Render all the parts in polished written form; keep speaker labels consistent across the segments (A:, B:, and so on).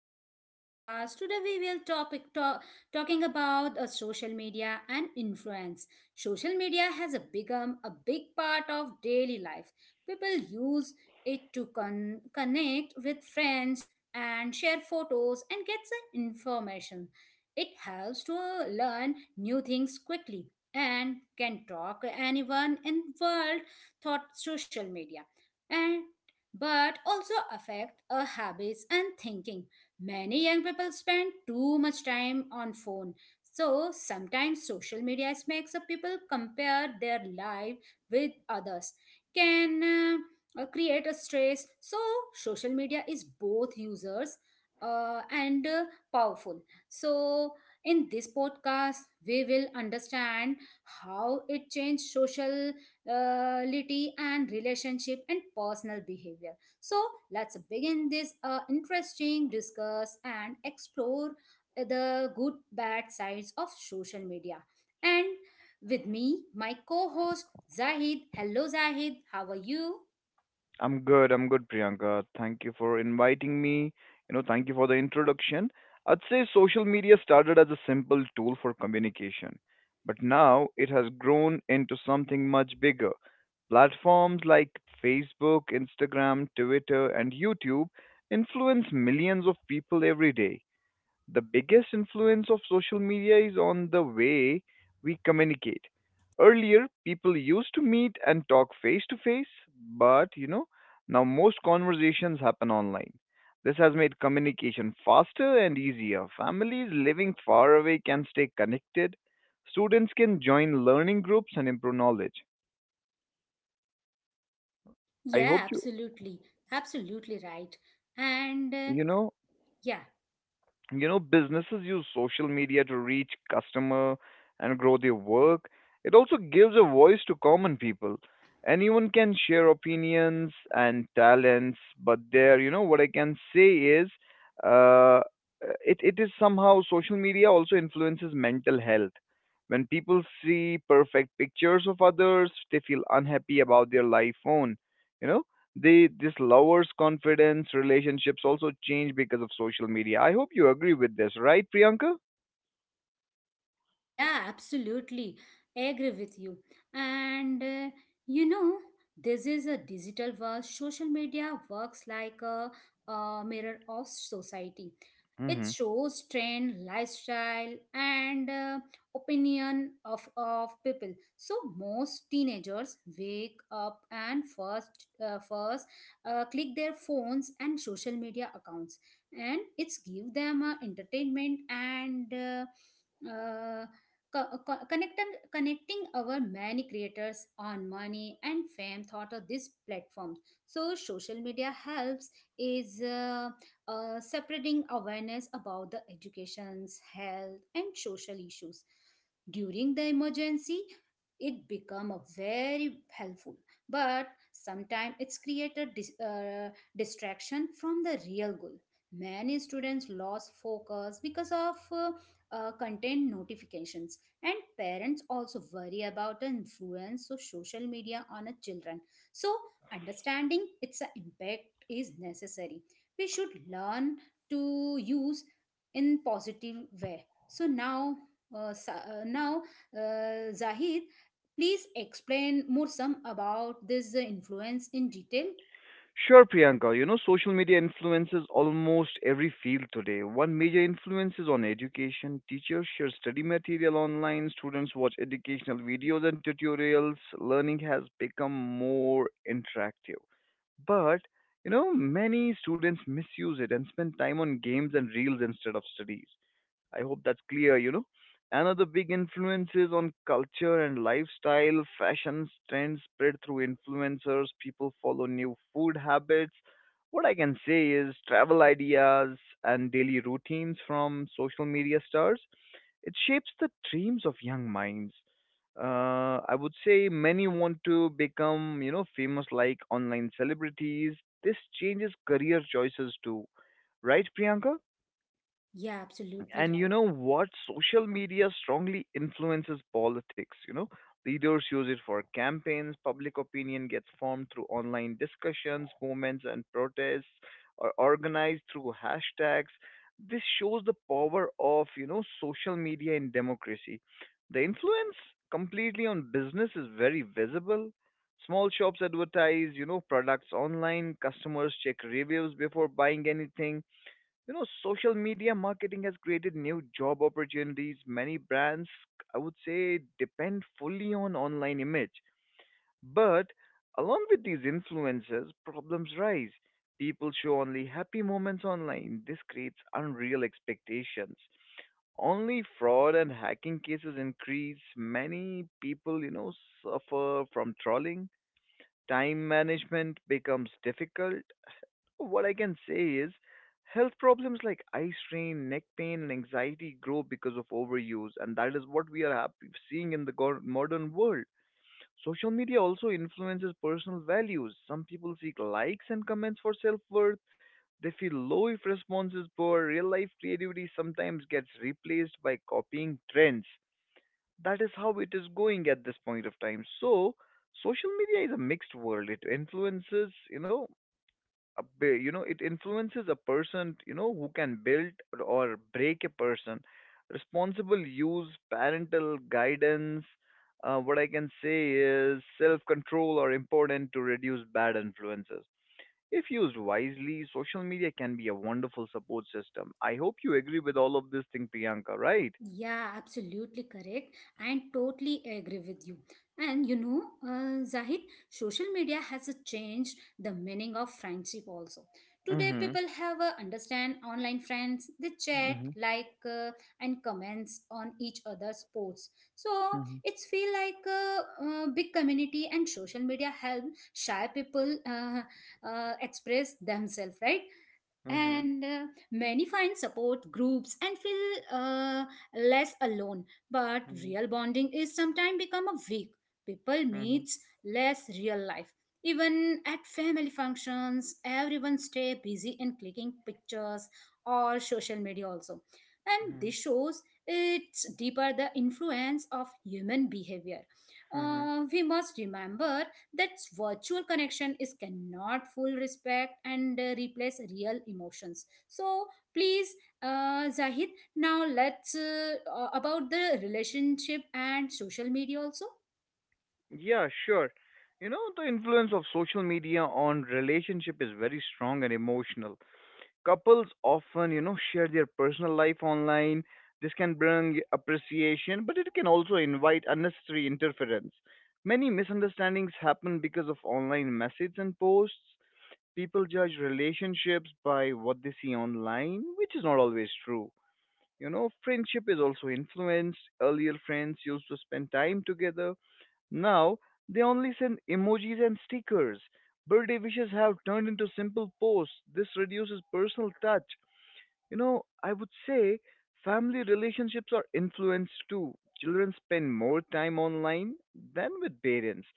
A: to our podcast. Today we will topic talk, talking about social media and influence. Social media has a become a big part of daily life. People use it to connect with friends and share photos and get some information. It helps to learn new things quickly and can talk anyone in world thought social media. And but also affect our habits and thinking. Many young people spend too much time on phone. So sometimes social media makes a people compare their life with others. Can create a stress. So social media is both users and powerful. So in this podcast we will understand how it changed social lity and relationship and personal behavior, so let's begin this interesting discuss and explore the good bad sides of social media, and with me my co-host Zahid. Hello Zahid, how are you?
B: I'm good. I'm good, Priyanka. Thank you for inviting me. You know, thank you for the introduction. I'd say social media started as a simple tool for communication, but now it has grown into something much bigger. Platforms like Facebook, Instagram, Twitter, and YouTube influence millions of people every day. The biggest influence of social media is on the way we communicate. Earlier, people used to meet and talk face to face, but you know, now most conversations happen online. This has made communication faster and easier. Families living far away can stay connected. Students can join learning groups and improve knowledge. I
A: Yeah,
B: hope you,
A: absolutely. Absolutely right. And
B: you know,
A: yeah.
B: You know, businesses use social media to reach customer and grow their work. It also gives a voice to common people. Anyone can share opinions and talents. But there, you know, what I can say is, uh, it is somehow, social media also influences mental health. When people see perfect pictures of others, they feel unhappy about their life own, you know. They this lowers confidence. Relationships also change because of social media. I hope you agree with this, right, Priyanka?
A: Yeah, absolutely. I agree with you. And you know, this is a digital world. Social media works like a mirror of society. It
B: Hmm
A: shows trend, lifestyle, and opinion of people. So most teenagers wake up and first click their phones and social media accounts, and it's give them entertainment and uh, connecting our many creators on money and fame thought of this platform. So social media helps is spreading awareness about the education's health and social issues during the emergency, it become a very helpful. But sometimes it's create a distraction from the real goal. Many students lost focus because of content notifications, and parents also worry about the influence of social media on a children. So understanding its impact is necessary. We should learn to use in positive way. So now, now, Zahid, please explain more some about this influence in detail.
B: Sure, Priyanka. You know, social media influences almost every field today. One major influence is on education. Teachers share study material online, students watch educational videos and tutorials. Learning has become more interactive. But, you know, many students misuse it and spend time on games and reels instead of studies. I hope that's clear, you know. Another big influence is on culture and lifestyle. Fashion trends spread through influencers, people follow new food habits. What I can say is travel ideas and daily routines from social media stars. It shapes the dreams of young minds. I would say many want to become, you know, famous like online celebrities. This changes career choices too. Right, Priyanka?
A: Yeah, absolutely
B: And you
A: right.
B: know what, social media strongly influences politics, you know. Leaders use it for campaigns. Public opinion gets formed through online discussions. Movements and protests are organized through hashtags. This shows the power of, you know, social media in democracy. The influence completely on business is very visible. Small shops advertise, you know, products online. Customers check reviews before buying anything. You know, social media marketing has created new job opportunities. Many brands, I would say, depend fully on online image. But along with these influences, problems rise. People show only happy moments online. This creates unreal expectations. Only fraud and hacking cases increase. Many people, you know, suffer from trolling. Time management becomes difficult. What I can say is, health problems like eye strain, neck pain, and anxiety grow because of overuse, and that is what we are happy seeing in the go- modern world. Social media also influences personal values. Some people seek likes and comments for self worth. They feel low if response is poor. Real life creativity sometimes gets replaced by copying trends. That is how it is going at this point of time. So, social media is a mixed world. It influences, you know, you know, it influences a person, you know, who can build or break a person. Responsible use, parental guidance, what I can say is self control are important to reduce bad influences. If used wisely, social media can be a wonderful support system. I hope you agree with all of this thing, Priyanka, right?
A: Yeah, absolutely correct, and totally agree with you. And you know, Zahid, social media has changed the meaning of friendship also. Today,
B: Mhm.
A: people have understand online friends. They chat,
B: Mhm.
A: like, and comments on each other's posts. So
B: Mhm.
A: it's feel like big community, and social media help shy people express themselves, right? And many find support groups and feel less alone, but
B: Mhm. Mhm.
A: real bonding is sometimes become a weak. People
B: Mhm.
A: meets less real life. Even at family functions, everyone stay busy in clicking pictures or social media also, and this
B: Mhm.
A: shows it's deeper the influence of human behavior.
B: Mhm.
A: We must remember that virtual connection is cannot full respect and replace real emotions. So please, Zahid, now let's about the relationship and social media also.
B: Yeah, sure. You know, the influence of social media on relationship is very strong and emotional. Couples often, you know, share their personal life online. This can bring appreciation, but it can also invite unnecessary interference. Many misunderstandings happen because of online messages and posts. People judge relationships by what they see online, which is not always true. You know, friendship is also influenced. Earlier friends used to spend time together. Now they only send emojis and stickers. Birthday wishes have turned into simple posts. This reduces personal touch. You know, I would say family relationships are influenced too. Children spend more time online than with parents.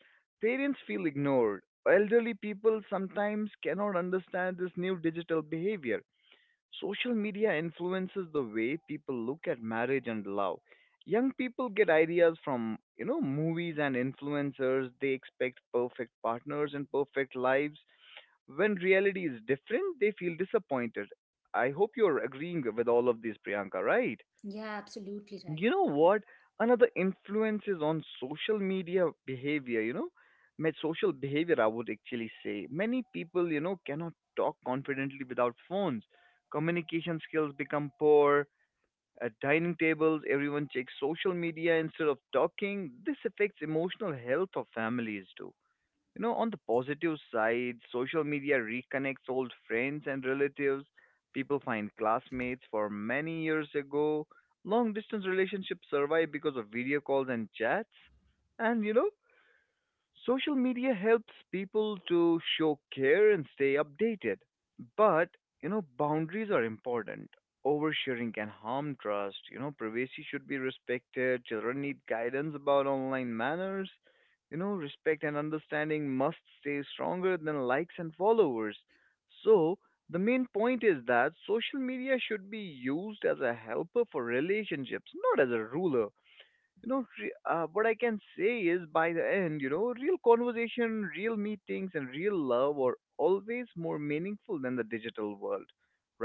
B: Parents feel ignored. Elderly people sometimes cannot understand this new digital behavior. Social media influences the way people look at marriage and love. Young people get ideas from, you know, movies and influencers. They expect perfect partners and perfect lives. When reality is different, they feel disappointed. I hope you're agreeing with all of this, Priyanka, right?
A: Yeah, absolutely right.
B: You know what, another influence is on social media behavior, you know. My social behavior, I would actually say, many people, you know, cannot talk confidently without phones. Communication skills become poor. At dining tables, everyone checks social media instead of talking. This affects emotional health of families too. You know, on the positive side, social media reconnects old friends and relatives. People find classmates for many years ago. Long distance relationships survive because of video calls and chats. And you know, social media helps people to show care and stay updated, but you know, boundaries are important. Oversharing can harm trust. You know, privacy should be respected. Children need guidance about online manners. You know, respect and understanding must stay stronger than likes and followers. So the main point is that social media should be used as a helper for relationships, not as a ruler. You know, what I can say is, by the end, you know, real conversation, real meetings, and real love are always more meaningful than the digital world.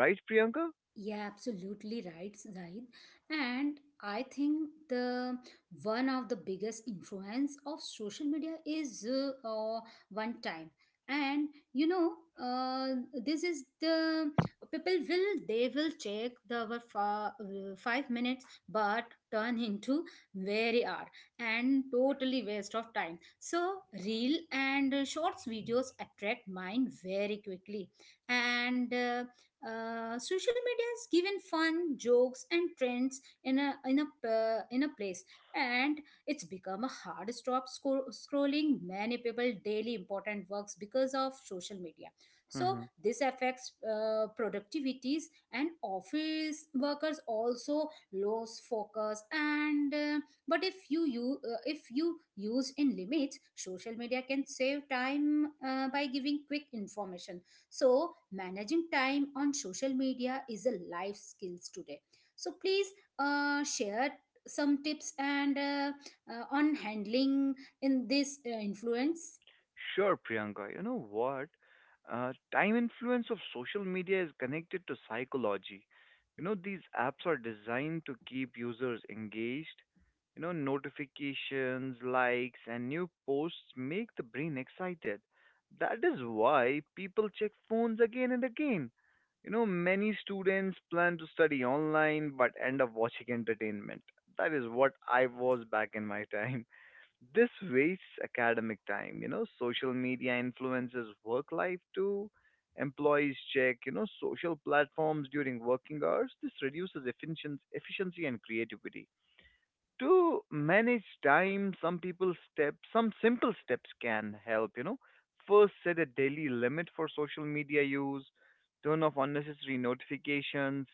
B: Right, Priyanka?
A: Yeah, absolutely right, Zaid. And I think the one of the biggest influence of social media is one time. And you know, uh, this is the people will they will check the our 5 minutes, but turn into very hour and totally waste of time. So real and shorts videos attract mind very quickly, and. Social media has given fun, jokes, and trends in a place, and it's become a hard stop scrolling many people daily important works because of social media. So
B: Hmm.
A: this affects productivities, and office workers also lose focus. And but if you you if you use in limits, social media can save time by giving quick information. So, managing time on social media is a life skills today. So, please share some tips and on handling in this influence.
B: Sure, Priyanka. You know what? Time influence of social media is connected to psychology. You know, these apps are designed to keep users engaged. You know, notifications, likes, and new posts make the brain excited. That is why people check phones again and again. You know, many students plan to study online but end up watching entertainment. That is what I was back in my time. This wastes academic time, you know. Social media influences work life too. Employees check, you know, social platforms during working hours. This reduces efficiency and creativity. To manage time, some simple steps can help, you know. First, set a daily limit for social media use, turn off unnecessary notifications,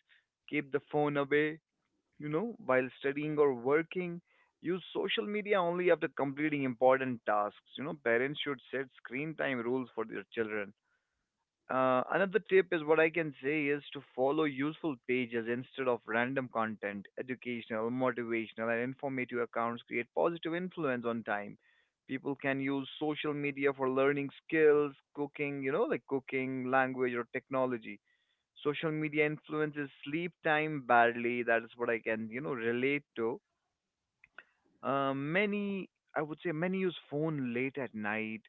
B: keep the phone away, you know, while studying or working. Use social media only after completing important tasks. You know, parents should set screen time rules for their children. Another tip is, what I can say is, to follow useful pages instead of random content. Educational, motivational, and informative accounts create positive influence on time. People can use social media for learning skills, cooking, you know, like cooking, language, or technology. Social media influences sleep time badly. That is what I can, you know, relate to. Many, I would say, many use phone late at night.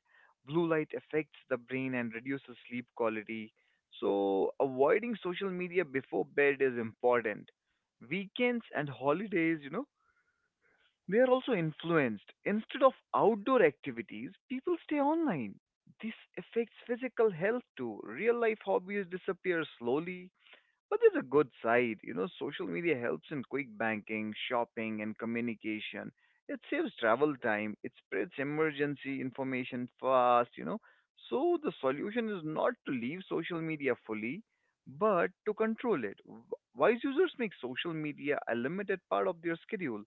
B: Blue light affects the brain and reduces sleep quality. So, avoiding social media before bed is important. Weekends and holidays, you know, they are also influenced. Instead of outdoor activities, people stay online. This affects physical health too. Real life hobbies disappear slowly, but there's a good side. You know, social media helps in quick banking, shopping, and communication. It saves travel time. It spreads emergency information fast, you know. So the solution is not to leave social media fully, but to control it. Wise users make social media a limited part of their schedule.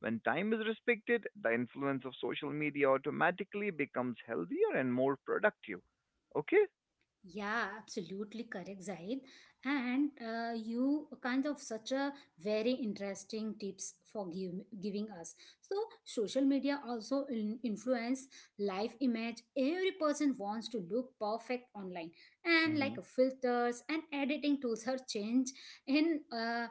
B: When time is respected, the influence of social media automatically becomes healthier and more productive. Okay?
A: Yeah, absolutely correct, Zaid. And you kind of such a very interesting tips for giving us. So social media also influence life image. Every person wants to look perfect online, and
B: Mm-hmm.
A: like filters and editing tools are change in uh,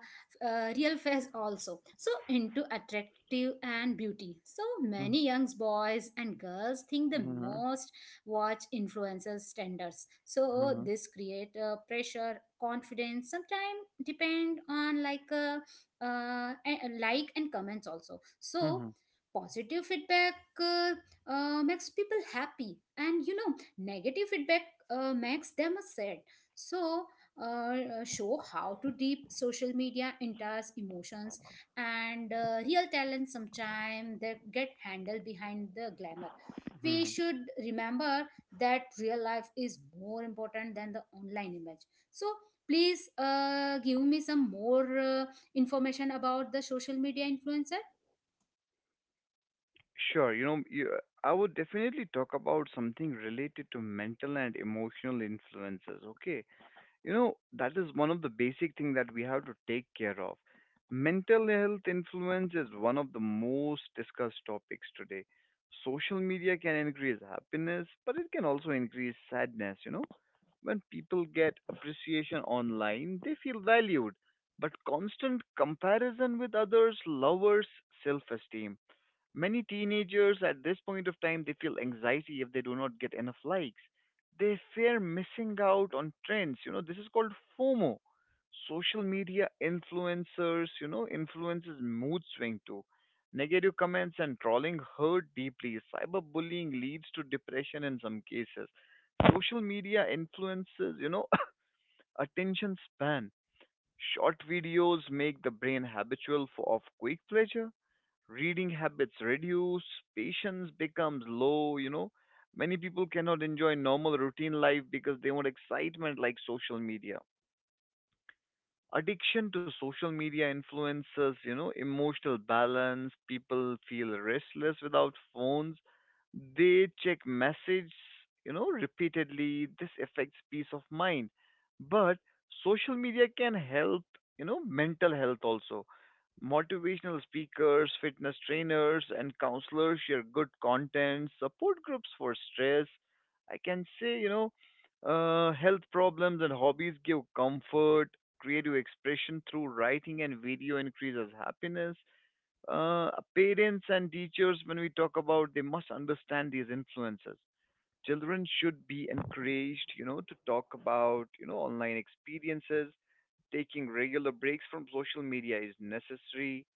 A: uh, real face also. So into attractive and beauty. So many young boys and girls think the
B: Mm-hmm.
A: most watch influencers tenders, so this create pressure confidence sometimes depend on like like and comments also. So
B: Mm-hmm.
A: positive feedback uh, makes people happy, and you know negative feedback makes them sad. So show how to deep social media enters emotions, and real talent sometimes they get handled behind the glamour. We
B: Hmm.
A: should remember that real life is more important than the online image. So please, give me some more information about the social media influencer.
B: Sure, you know, you, I would definitely talk about something related to mental and emotional influences, okay? You know, that is one of the basic thing that we have to take care of. Mental health influence is one of the most discussed topics today. Social media can increase happiness, but it can also increase sadness, you know? When people get appreciation online, they feel valued, but constant comparison with others lowers self-esteem. Many teenagers at this point of time, they feel anxiety if they do not get enough likes. They fear missing out on trends. You know, this is called FOMO. Social media influencers, you know, influences mood swing too. Negative comments and trolling hurt deeply. Cyberbullying leads to depression in some cases. Social media influences, you know, attention span. Short videos make the brain habitual for of quick pleasure. Reading habits reduce, patience becomes low, you know. Many people cannot enjoy normal routine life because they want excitement like social media. Addiction to social media influences, you know, emotional balance. People feel restless without phones. They check messages, you know, repeatedly. This affects peace of mind. But social media can help, you know, mental health also. Motivational speakers, fitness trainers, and counselors share good content, support groups for stress. I can say, you know, health problems and hobbies give comfort, creative expression through writing and video increases happiness. Parents and teachers, when we talk about, they must understand these influences. Children should be encouraged, to talk about, online experiences. Taking regular breaks from social media is necessary.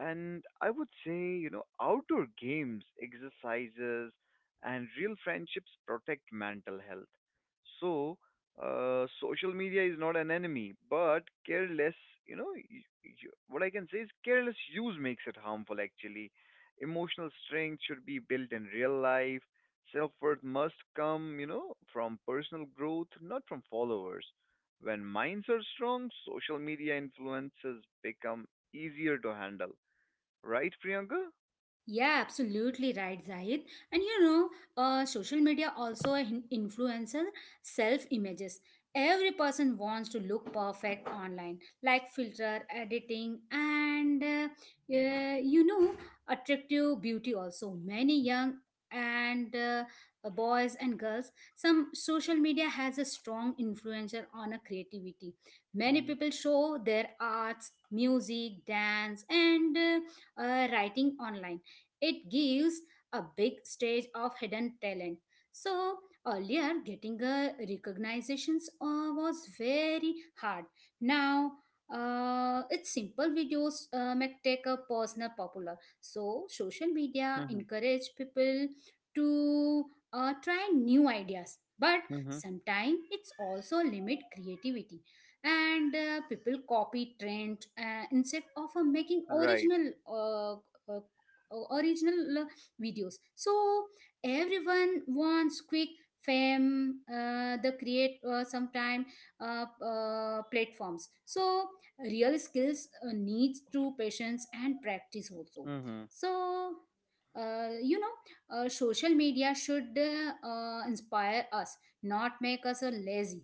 B: And I would say, outdoor games, exercises, and real friendships protect mental health. So, social media is not an enemy, but careless, you know, y y what I can say is careless use makes it harmful actually. Emotional strength should be built in real life. Self-worth must come, from personal growth, not from followers. When minds are strong, social media influences become easier to handle. Right, Priyanka?
A: Yeah, absolutely right, Zahid. And you know, social media also influences self images. Every person wants to look perfect online, like filter editing and you know, attractive beauty. Also, many young and boys and girls, some social media has a strong influencer on a creativity. Many
B: Mm-hmm.
A: people show their arts, music, dance, and writing online. It gives a big stage of hidden talent. So earlier, getting a recognitions was very hard. Now, it's simple videos make take a personal popular. So social media
B: Mm-hmm.
A: encourage people to try new ideas, but
B: Mm-hmm.
A: sometimes it's also limit creativity, and people copy trend instead of making
B: Right.
A: original original videos. So everyone wants quick fame, the create sometime platforms. So real skills needs to patience and practice also.
B: Mm-hmm.
A: So you know, social media should inspire us, not make us lazy.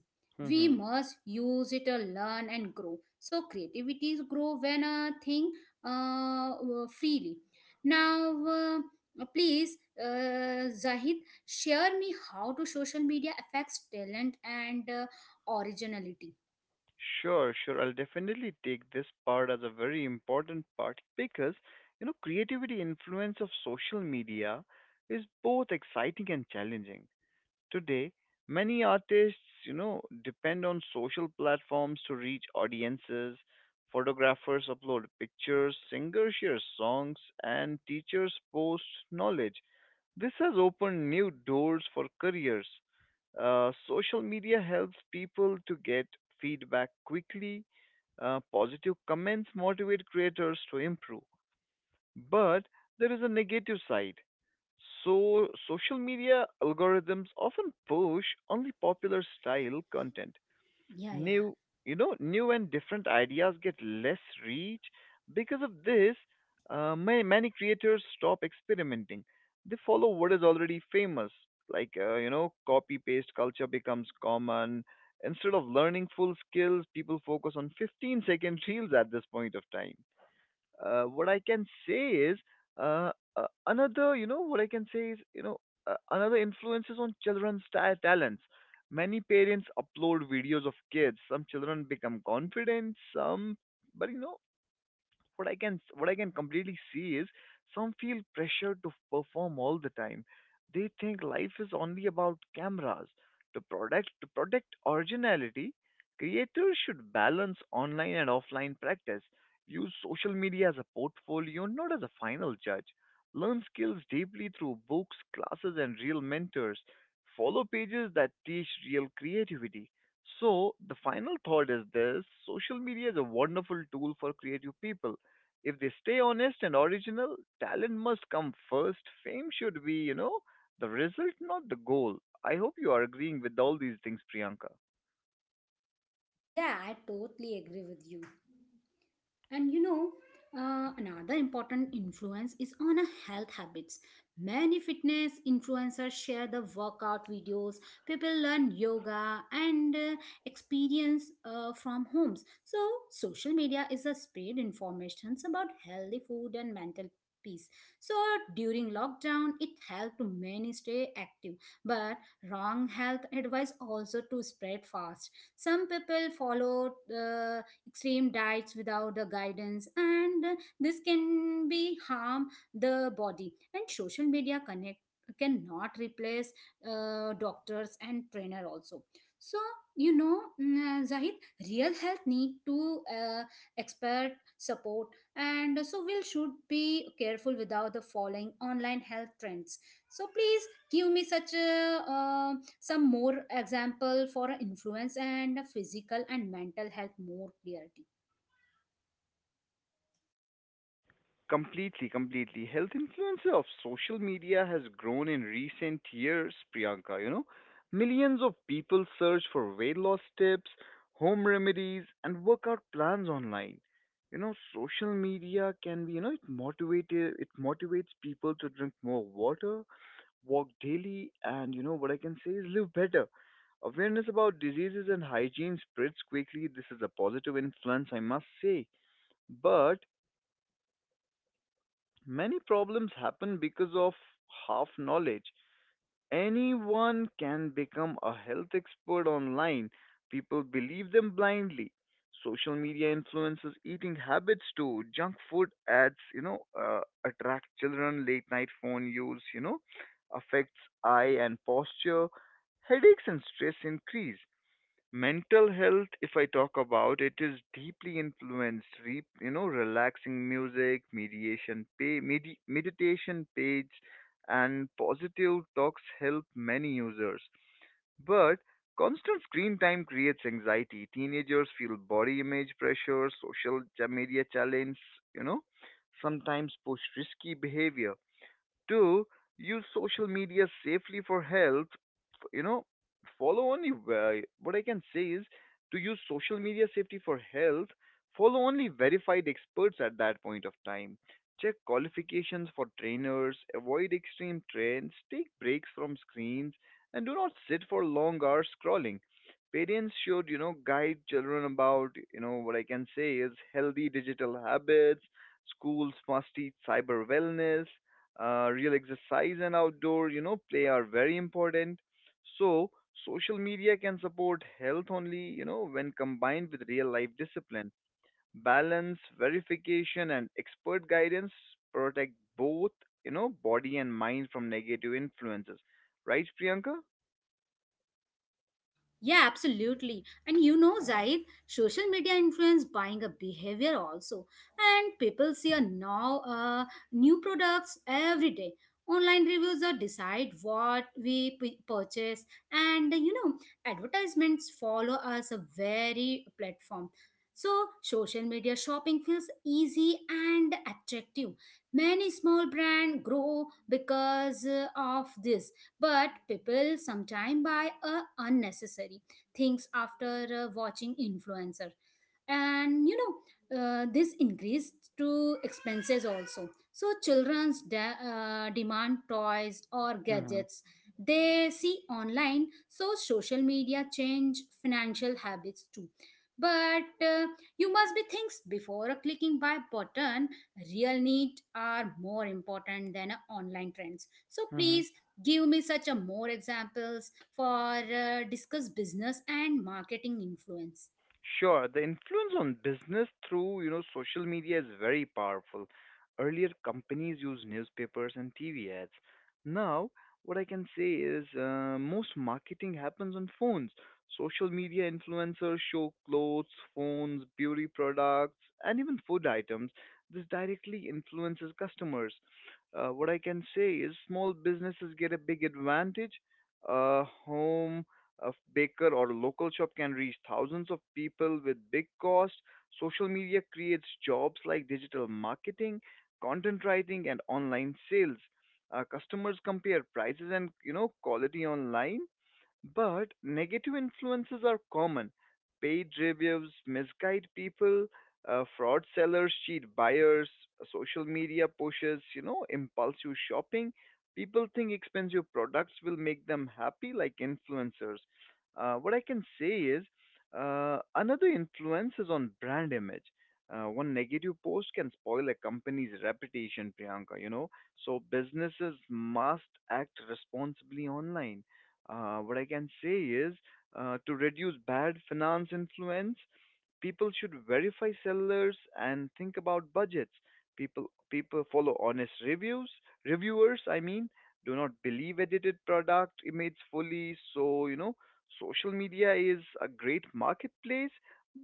A: We
B: Mm-hmm.
A: must use it to learn and grow, so creativity grow when a thing uh, freely. Now, please, Zahid, share me how do social media affects talent and originality.
B: Sure, sure. I'll definitely take this part as a very important part because, creativity influence of social media is both exciting and challenging. Today, many artists, depend on social platforms to reach audiences. Photographers upload pictures, singers share songs, and teachers post knowledge. This has opened new doors for careers. Social media helps people to get feedback quickly. Positive comments motivate creators to improve. But there is a negative side. So, social media algorithms often push only popular style content.
A: Yeah, yeah.
B: New you know new and different ideas get less reach. Because of this, many creators stop experimenting. They follow what is already famous, like, copy paste culture becomes common. Instead of learning full skills, people focus on 15-second reels at this point of time. Uh, what I can say is another, you know, what I can say is, you know, Another influences on children's talents. Many parents upload videos of kids. Some children become confident. Some, but you know, what I can completely see is some feel pressure to perform all the time. They think life is only about cameras. To protect originality, creators should balance online and offline practice. Use social media as a portfolio, not as a final judge. Learn skills deeply through books, classes, and real mentors. Follow pages that teach real creativity. So, the final thought is this: social media is a wonderful tool for creative people. If they stay honest and original, talent must come first. Fame should be, the result, not the goal. I hope you are agreeing with all these things, Priyanka.
A: Yeah, I totally agree with you. And you know, another important influence is on a health habits. Many fitness influencers share the workout videos. People learn yoga and experience from homes. So social media is a spread informations about healthy food and mental peace. So during lockdown, it helped many stay active, but wrong health advice also to spread fast. Some people follow extreme diets without the guidance, and this can be harm the body, and social media connect cannot replace doctors and trainer also. So you know, Zahid, real health need to uh, expert support. And so we should be careful without the following online health trends. So please give me such a, some more example for influence and physical and mental health more clarity.
B: Completely, completely. Health influencer of social media has grown in recent years, Priyanka. You know, millions of people search for weight loss tips, home remedies, and workout plans online. You know, social media can be, it motivates people to drink more water, walk daily, and you know what I can say is live better. Awareness about diseases and hygiene spreads quickly. This is a positive influence, I must say. But many problems happen because of half knowledge. Anyone can become a health expert online. People believe them blindly. Social media influences eating habits too. Junk food ads, attract children. Late night phone use, affects eye and posture. Headaches and stress increase. Mental health, if I talk about it, is deeply influenced. Re, you know Relaxing music, meditation page and positive talks help many users. But constant screen time creates anxiety. Teenagers feel body image pressure. Social media challenge, you know sometimes push risky behavior. Two, Use social media safely for health. F- You know, What I can say is to use social media safety for health. Follow only verified experts at that point of time. Check qualifications for trainers. Avoid extreme trends. Take breaks from screens, and do not sit for long hours scrolling. Parents should, guide children about, what I can say is healthy digital habits. Schools must teach cyber wellness. Real exercise and outdoor, you know, play are very important. So social media can support health only, you know, when combined with real life discipline. Balance, verification and expert guidance protect both, you know, body and mind from negative influences, right, Priyanka?
A: Yeah, absolutely. And you know, Zaid, social media influence buying a behavior also. And people see a now new products every day. Online reviews are decide what we purchase, and you know, advertisements follow us a very platform. So social media shopping feels easy and attractive. Many small brand grow because of this, but people sometimes buy unnecessary things after watching influencer, and you know, this increased to expenses also. So children's demand toys or
B: Mm-hmm.
A: gadgets they see online. So social media change financial habits too. But you must be thinks before a clicking buy button. Real need are more important than a online trends. So please give me such a more examples for discuss business and marketing influence.
B: Sure, the influence on business through, social media is very powerful. Earlier, companies used newspapers and TV ads. Now, what I can say is, most marketing happens on phones. Social media influencers show clothes, phones, beauty products, and even food items. This directly influences customers. What I can say is small businesses get a big advantage. Home A baker or a local shop can reach thousands of people with big cost. Social media creates jobs like digital marketing, content writing, and online sales. Customers compare prices and you know quality online, but negative influences are common. Paid reviews misguide people, fraud sellers cheat buyers, social media pushes, impulsive shopping. People think expensive products will make them happy, like influencers. What I can say is Another influence is on brand image. One negative post can spoil a company's reputation, Priyanka, you know. So businesses must act responsibly online. What I can say is To reduce bad finance influence, people should verify sellers and think about budgets. People follow honest reviews reviewers. Do not believe edited product images fully. So you know, social media is a great marketplace,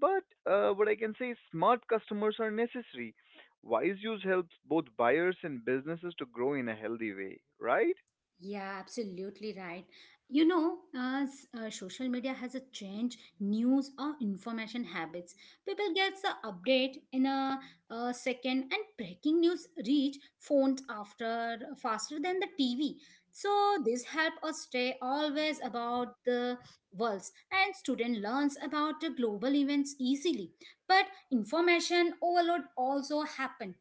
B: but, what I can say is smart customers are necessary. Wise use helps both buyers and businesses to grow in a healthy way, right?
A: Yeah, absolutely right. You know, as social media has a change news or information habits, people get the update in a second, and breaking news reach phones after faster than the TV. So this help us stay always about the worlds, and student learns about the global events easily. But information overload also happen,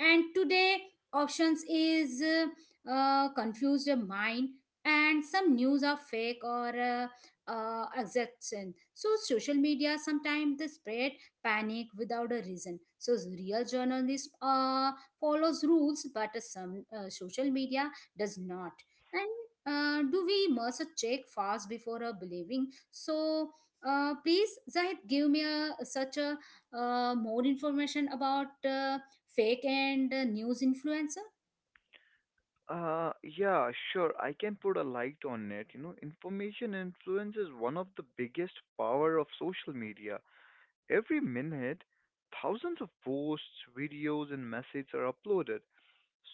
A: and today options is. Confuse your mind, and some news are fake or exaggeration. So social media sometimes they spread panic without a reason. So real journalism follows rules, but some social media does not. And do we must check fast before believing. So please Zahid, give me a, such a more information about fake and news influencer.
B: Yeah, sure. I can put a light on it. You know, information influence is one of the biggest power of social media. Every minute, thousands of posts, videos, and messages are uploaded.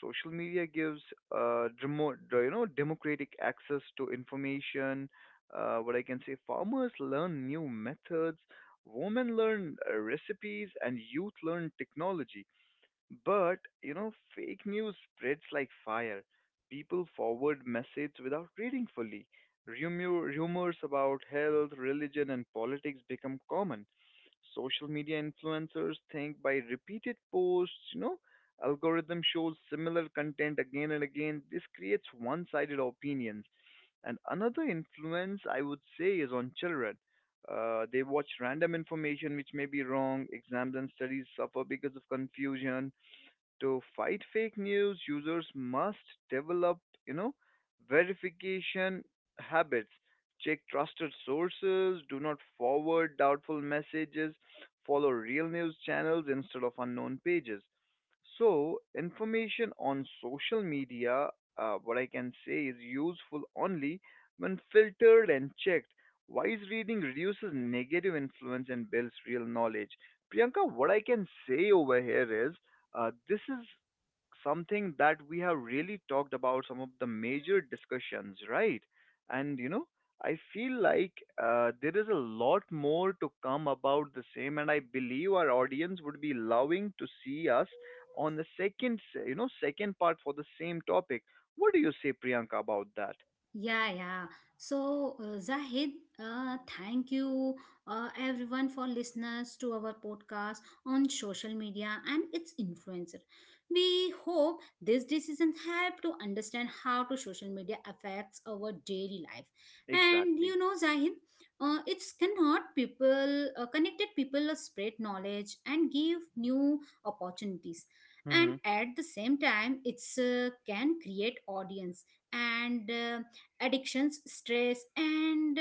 B: Social media gives, democratic access to information. What I can say, farmers learn new methods, women learn recipes, and youth learn technology. But, fake news spreads like fire. People forward messages without reading fully. Rumors about health, religion, and politics become common. Social media influencers think by repeated posts, you know, algorithm shows similar content again and again. This creates one sided opinions. And another influence, I would say, is on children. They watch random information which may be wrong. Exams and studies suffer because of confusion. To fight fake news, users must develop, you know, verification habits. Check trusted sources, do not forward doubtful messages, follow real news channels instead of unknown pages. So, information on social media, what I can say is useful only when filtered and checked. Wise reading reduces negative influence and builds real knowledge. Priyanka, what I can say over here is, this is something that we have really talked about some of the major discussions, right? And you know, I feel like, there is a lot more to come about the same, and I believe our audience would be loving to see us on the second, second part for the same topic. What do you say, Priyanka, about that?
A: Yeah, yeah. So, Zahid, thank you everyone for listeners to our podcast on social media and its influencer. We hope this decision help to understand how to social media affects our daily life. And
B: Exactly.
A: you know, Zahid, it's cannot people connected people spread knowledge and give new opportunities. And
B: Mm-hmm.
A: at the same time, it's can create audience and. Addictions stress and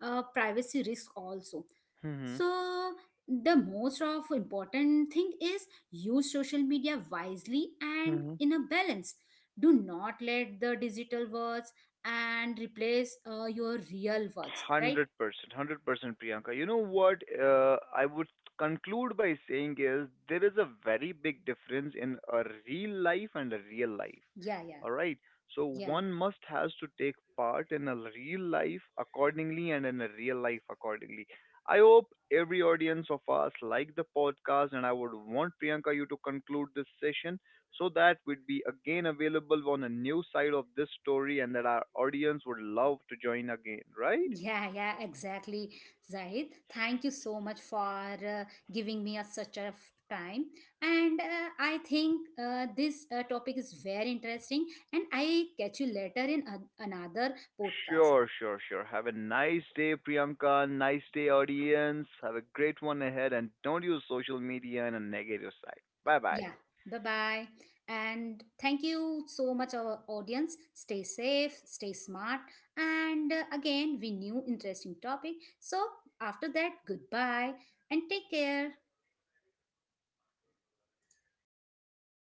A: privacy risk also.
B: Mm-hmm.
A: So the most of important thing is use social media wisely and in a balance. Do not let the digital words and replace your real words, right?
B: 100%, 100%, Priyanka. You know what? I would conclude by saying is there is a very big difference in a real life and a real life.
A: Yeah, yeah,
B: All right. So
A: yeah.
B: one must has to take part in a real life accordingly and in a real life accordingly. I hope every audience of us like the podcast, and I would want Priyanka you to conclude this session so that we'd be again available on a new side of this story, and that our audience would love to join again. Right?
A: Yeah, yeah, exactly, Zahid. Thank you so much for giving me a, such a time. And I think this topic is very interesting. And I catch you later in an another podcast.
B: Sure, sure, sure. Have a nice day, Priyanka. Nice day, audience. Have a great one ahead and don't use social media in a negative side. Bye bye.
A: Yeah, bye bye. And thank you so much, our audience. Stay safe, stay smart. And again, we new interesting topic. So after that, goodbye and take care.